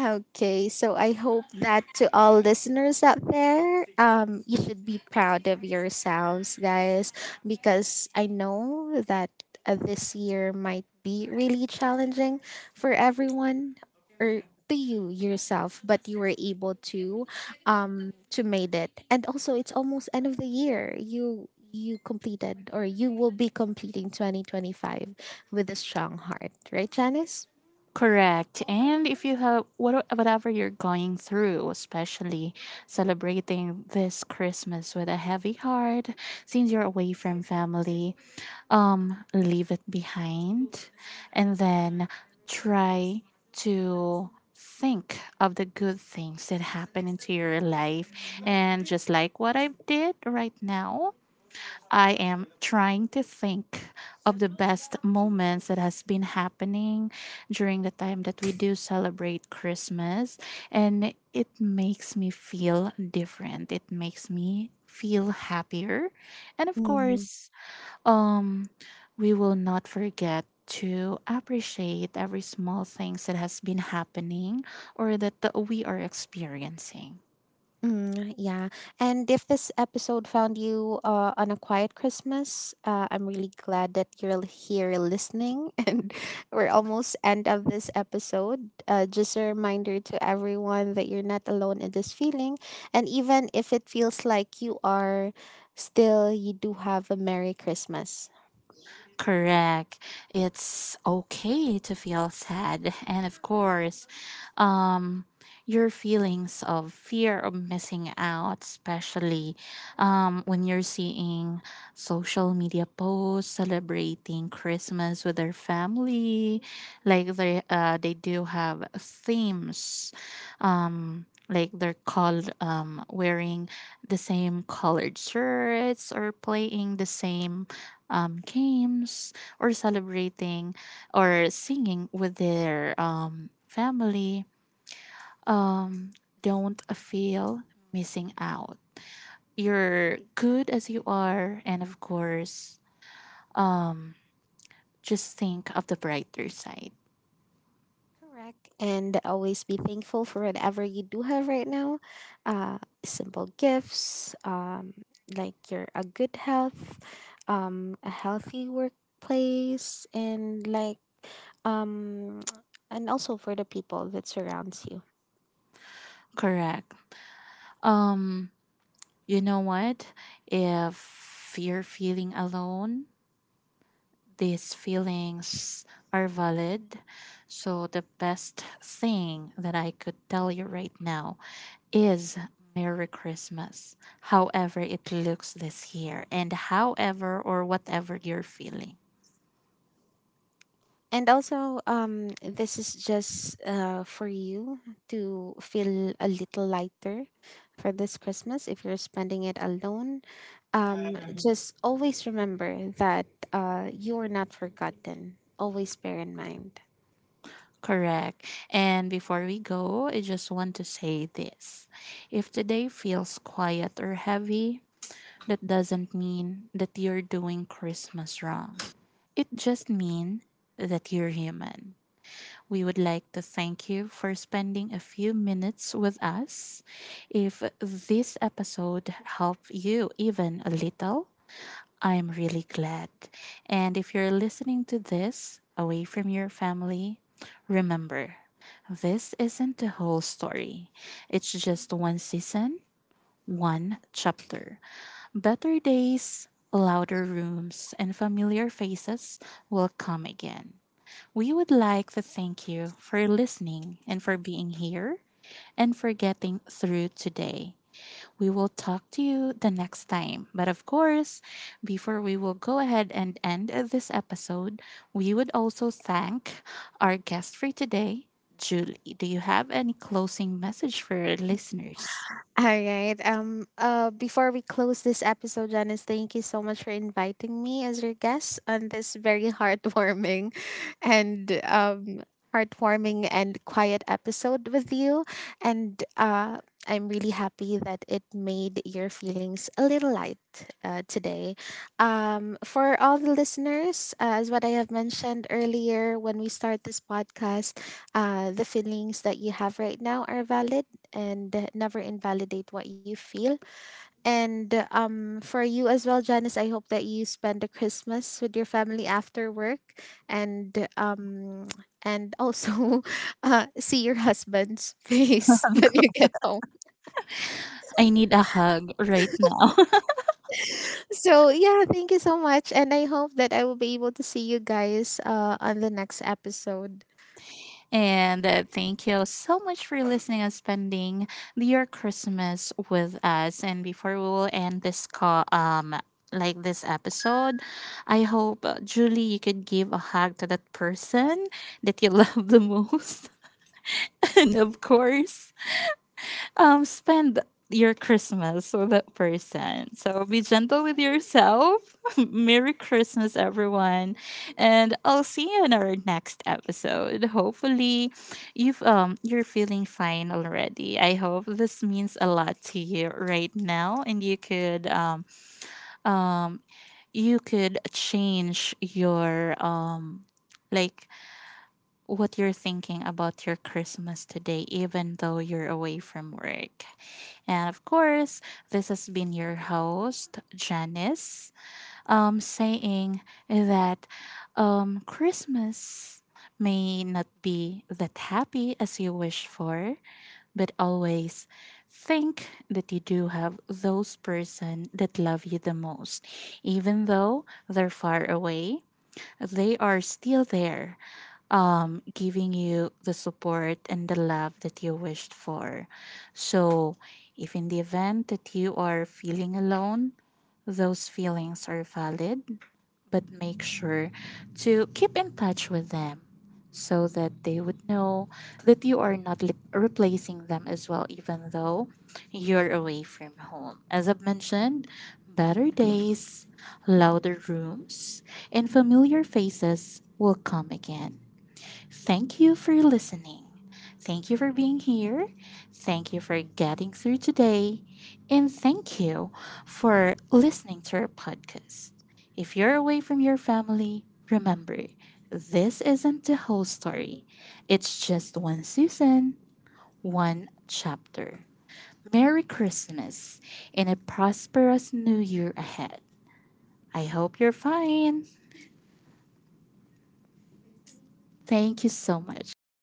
Speaker 2: Okay, so I hope that to all listeners out there, you should be proud of yourselves, guys, because I know that this year might be really challenging for everyone, or to you yourself, but you were able to made it, and also it's almost end of the year. You completed, or you will be completing, 2025 with a strong heart, right, Janice?
Speaker 1: Correct. And if you have what- whatever you're going through, especially celebrating this Christmas with a heavy heart, since you're away from family, leave it behind, and then try to think of the good things that happen into your life. And just like what I did right now, I am trying to think of the best moments that has been happening during the time that we do celebrate Christmas, and it makes me feel different. It makes me feel happier. And of course, um we will not forget to appreciate every small things that has been happening, or that we are experiencing.
Speaker 2: Mm, yeah. And if this episode found you on a quiet Christmas, I'm really glad that you're here listening. And we're almost end of this episode. Just a reminder to everyone that you're not alone in this feeling. And even if it feels like you are, still you do have a Merry Christmas.
Speaker 1: Correct. It's okay to feel sad. And of course, um, your feelings of fear of missing out, especially when you're seeing social media posts celebrating Christmas with their family, like they do have themes. Like they're called, wearing the same colored shirts, or playing the same, games, or celebrating, or singing with their, family, um, don't feel missing out. You're good as you are, and of course, um, just think of the brighter side.
Speaker 2: Correct. And always be thankful for whatever you do have right now. Uh, Simple gifts, like your a good health, a healthy workplace, and like um, and also for the people that surrounds you.
Speaker 1: Correct. Um, you know what? If you're feeling alone, these feelings are valid. So, the best thing that I could tell you right now is Merry Christmas, however it looks this year, and however or whatever you're feeling.
Speaker 2: And also, this is just for you to feel a little lighter for this Christmas if you're spending it alone. Just always remember that you are not forgotten. Always bear in mind.
Speaker 1: Correct. And before we go, I just want to say this. If today feels quiet or heavy, that doesn't mean that you're doing Christmas wrong. It just means that you're human. We would like to thank you for spending a few minutes with us. If this episode helped you even a little, I'm really glad. And if you're listening to this away from your family, remember, this isn't the whole story. It's just one season, one chapter. Better days, louder rooms, and familiar faces will come again. We would like to thank you for listening and for being here, and for getting through today. We will talk to you the next time. But of course, before we will go ahead and end this episode, we would also thank our guest for today, Julie. Do you have any closing message for our listeners?
Speaker 2: All right. Before we close this episode, Janice, thank you so much for inviting me as your guest on this very heartwarming, and heartwarming and quiet episode with you. And I'm really happy that it made your feelings a little light today. For all the listeners, as what I have mentioned earlier when we start this podcast, the feelings that you have right now are valid, and never invalidate what you feel. And for you as well, Janice, I hope that you spend the Christmas with your family after work, and um, and also see your husband's face when you get home.
Speaker 1: I need a hug right now.
Speaker 2: So yeah, thank you so much, and I hope that I will be able to see you guys on the next episode.
Speaker 1: And thank you so much for listening and spending your Christmas with us. And before we will end this call, like this episode, I hope, Julie, you could give a hug to that person that you love the most, and of course, spend your Christmas with that person. So be gentle with yourself. Merry Christmas, everyone, and I'll see you in our next episode. Hopefully, you're feeling fine already. I hope this means a lot to you right now, and um you could change your, um, like, what you're thinking about your Christmas today, even though you're away from work. And of course, this has been your host, Janice, saying that, Christmas may not be that happy as you wish for, but always think that you do have those person that love you the most. Even though they're far away, they are still there, giving you the support and the love that you wished for. So, if in the event that you are feeling alone, those feelings are valid, but make sure to keep in touch with them so that they would know that you are not replacing them as well, even though you're away from home. As I've mentioned, better days, louder rooms, and familiar faces will come again. Thank you for listening. Thank you for being here. Thank you for getting through today. And thank you for listening to our podcast. If you're away from your family, remember, this isn't the whole story, it's just one season, one chapter. Merry Christmas and a prosperous new year ahead. I hope you're fine. Thank you so much.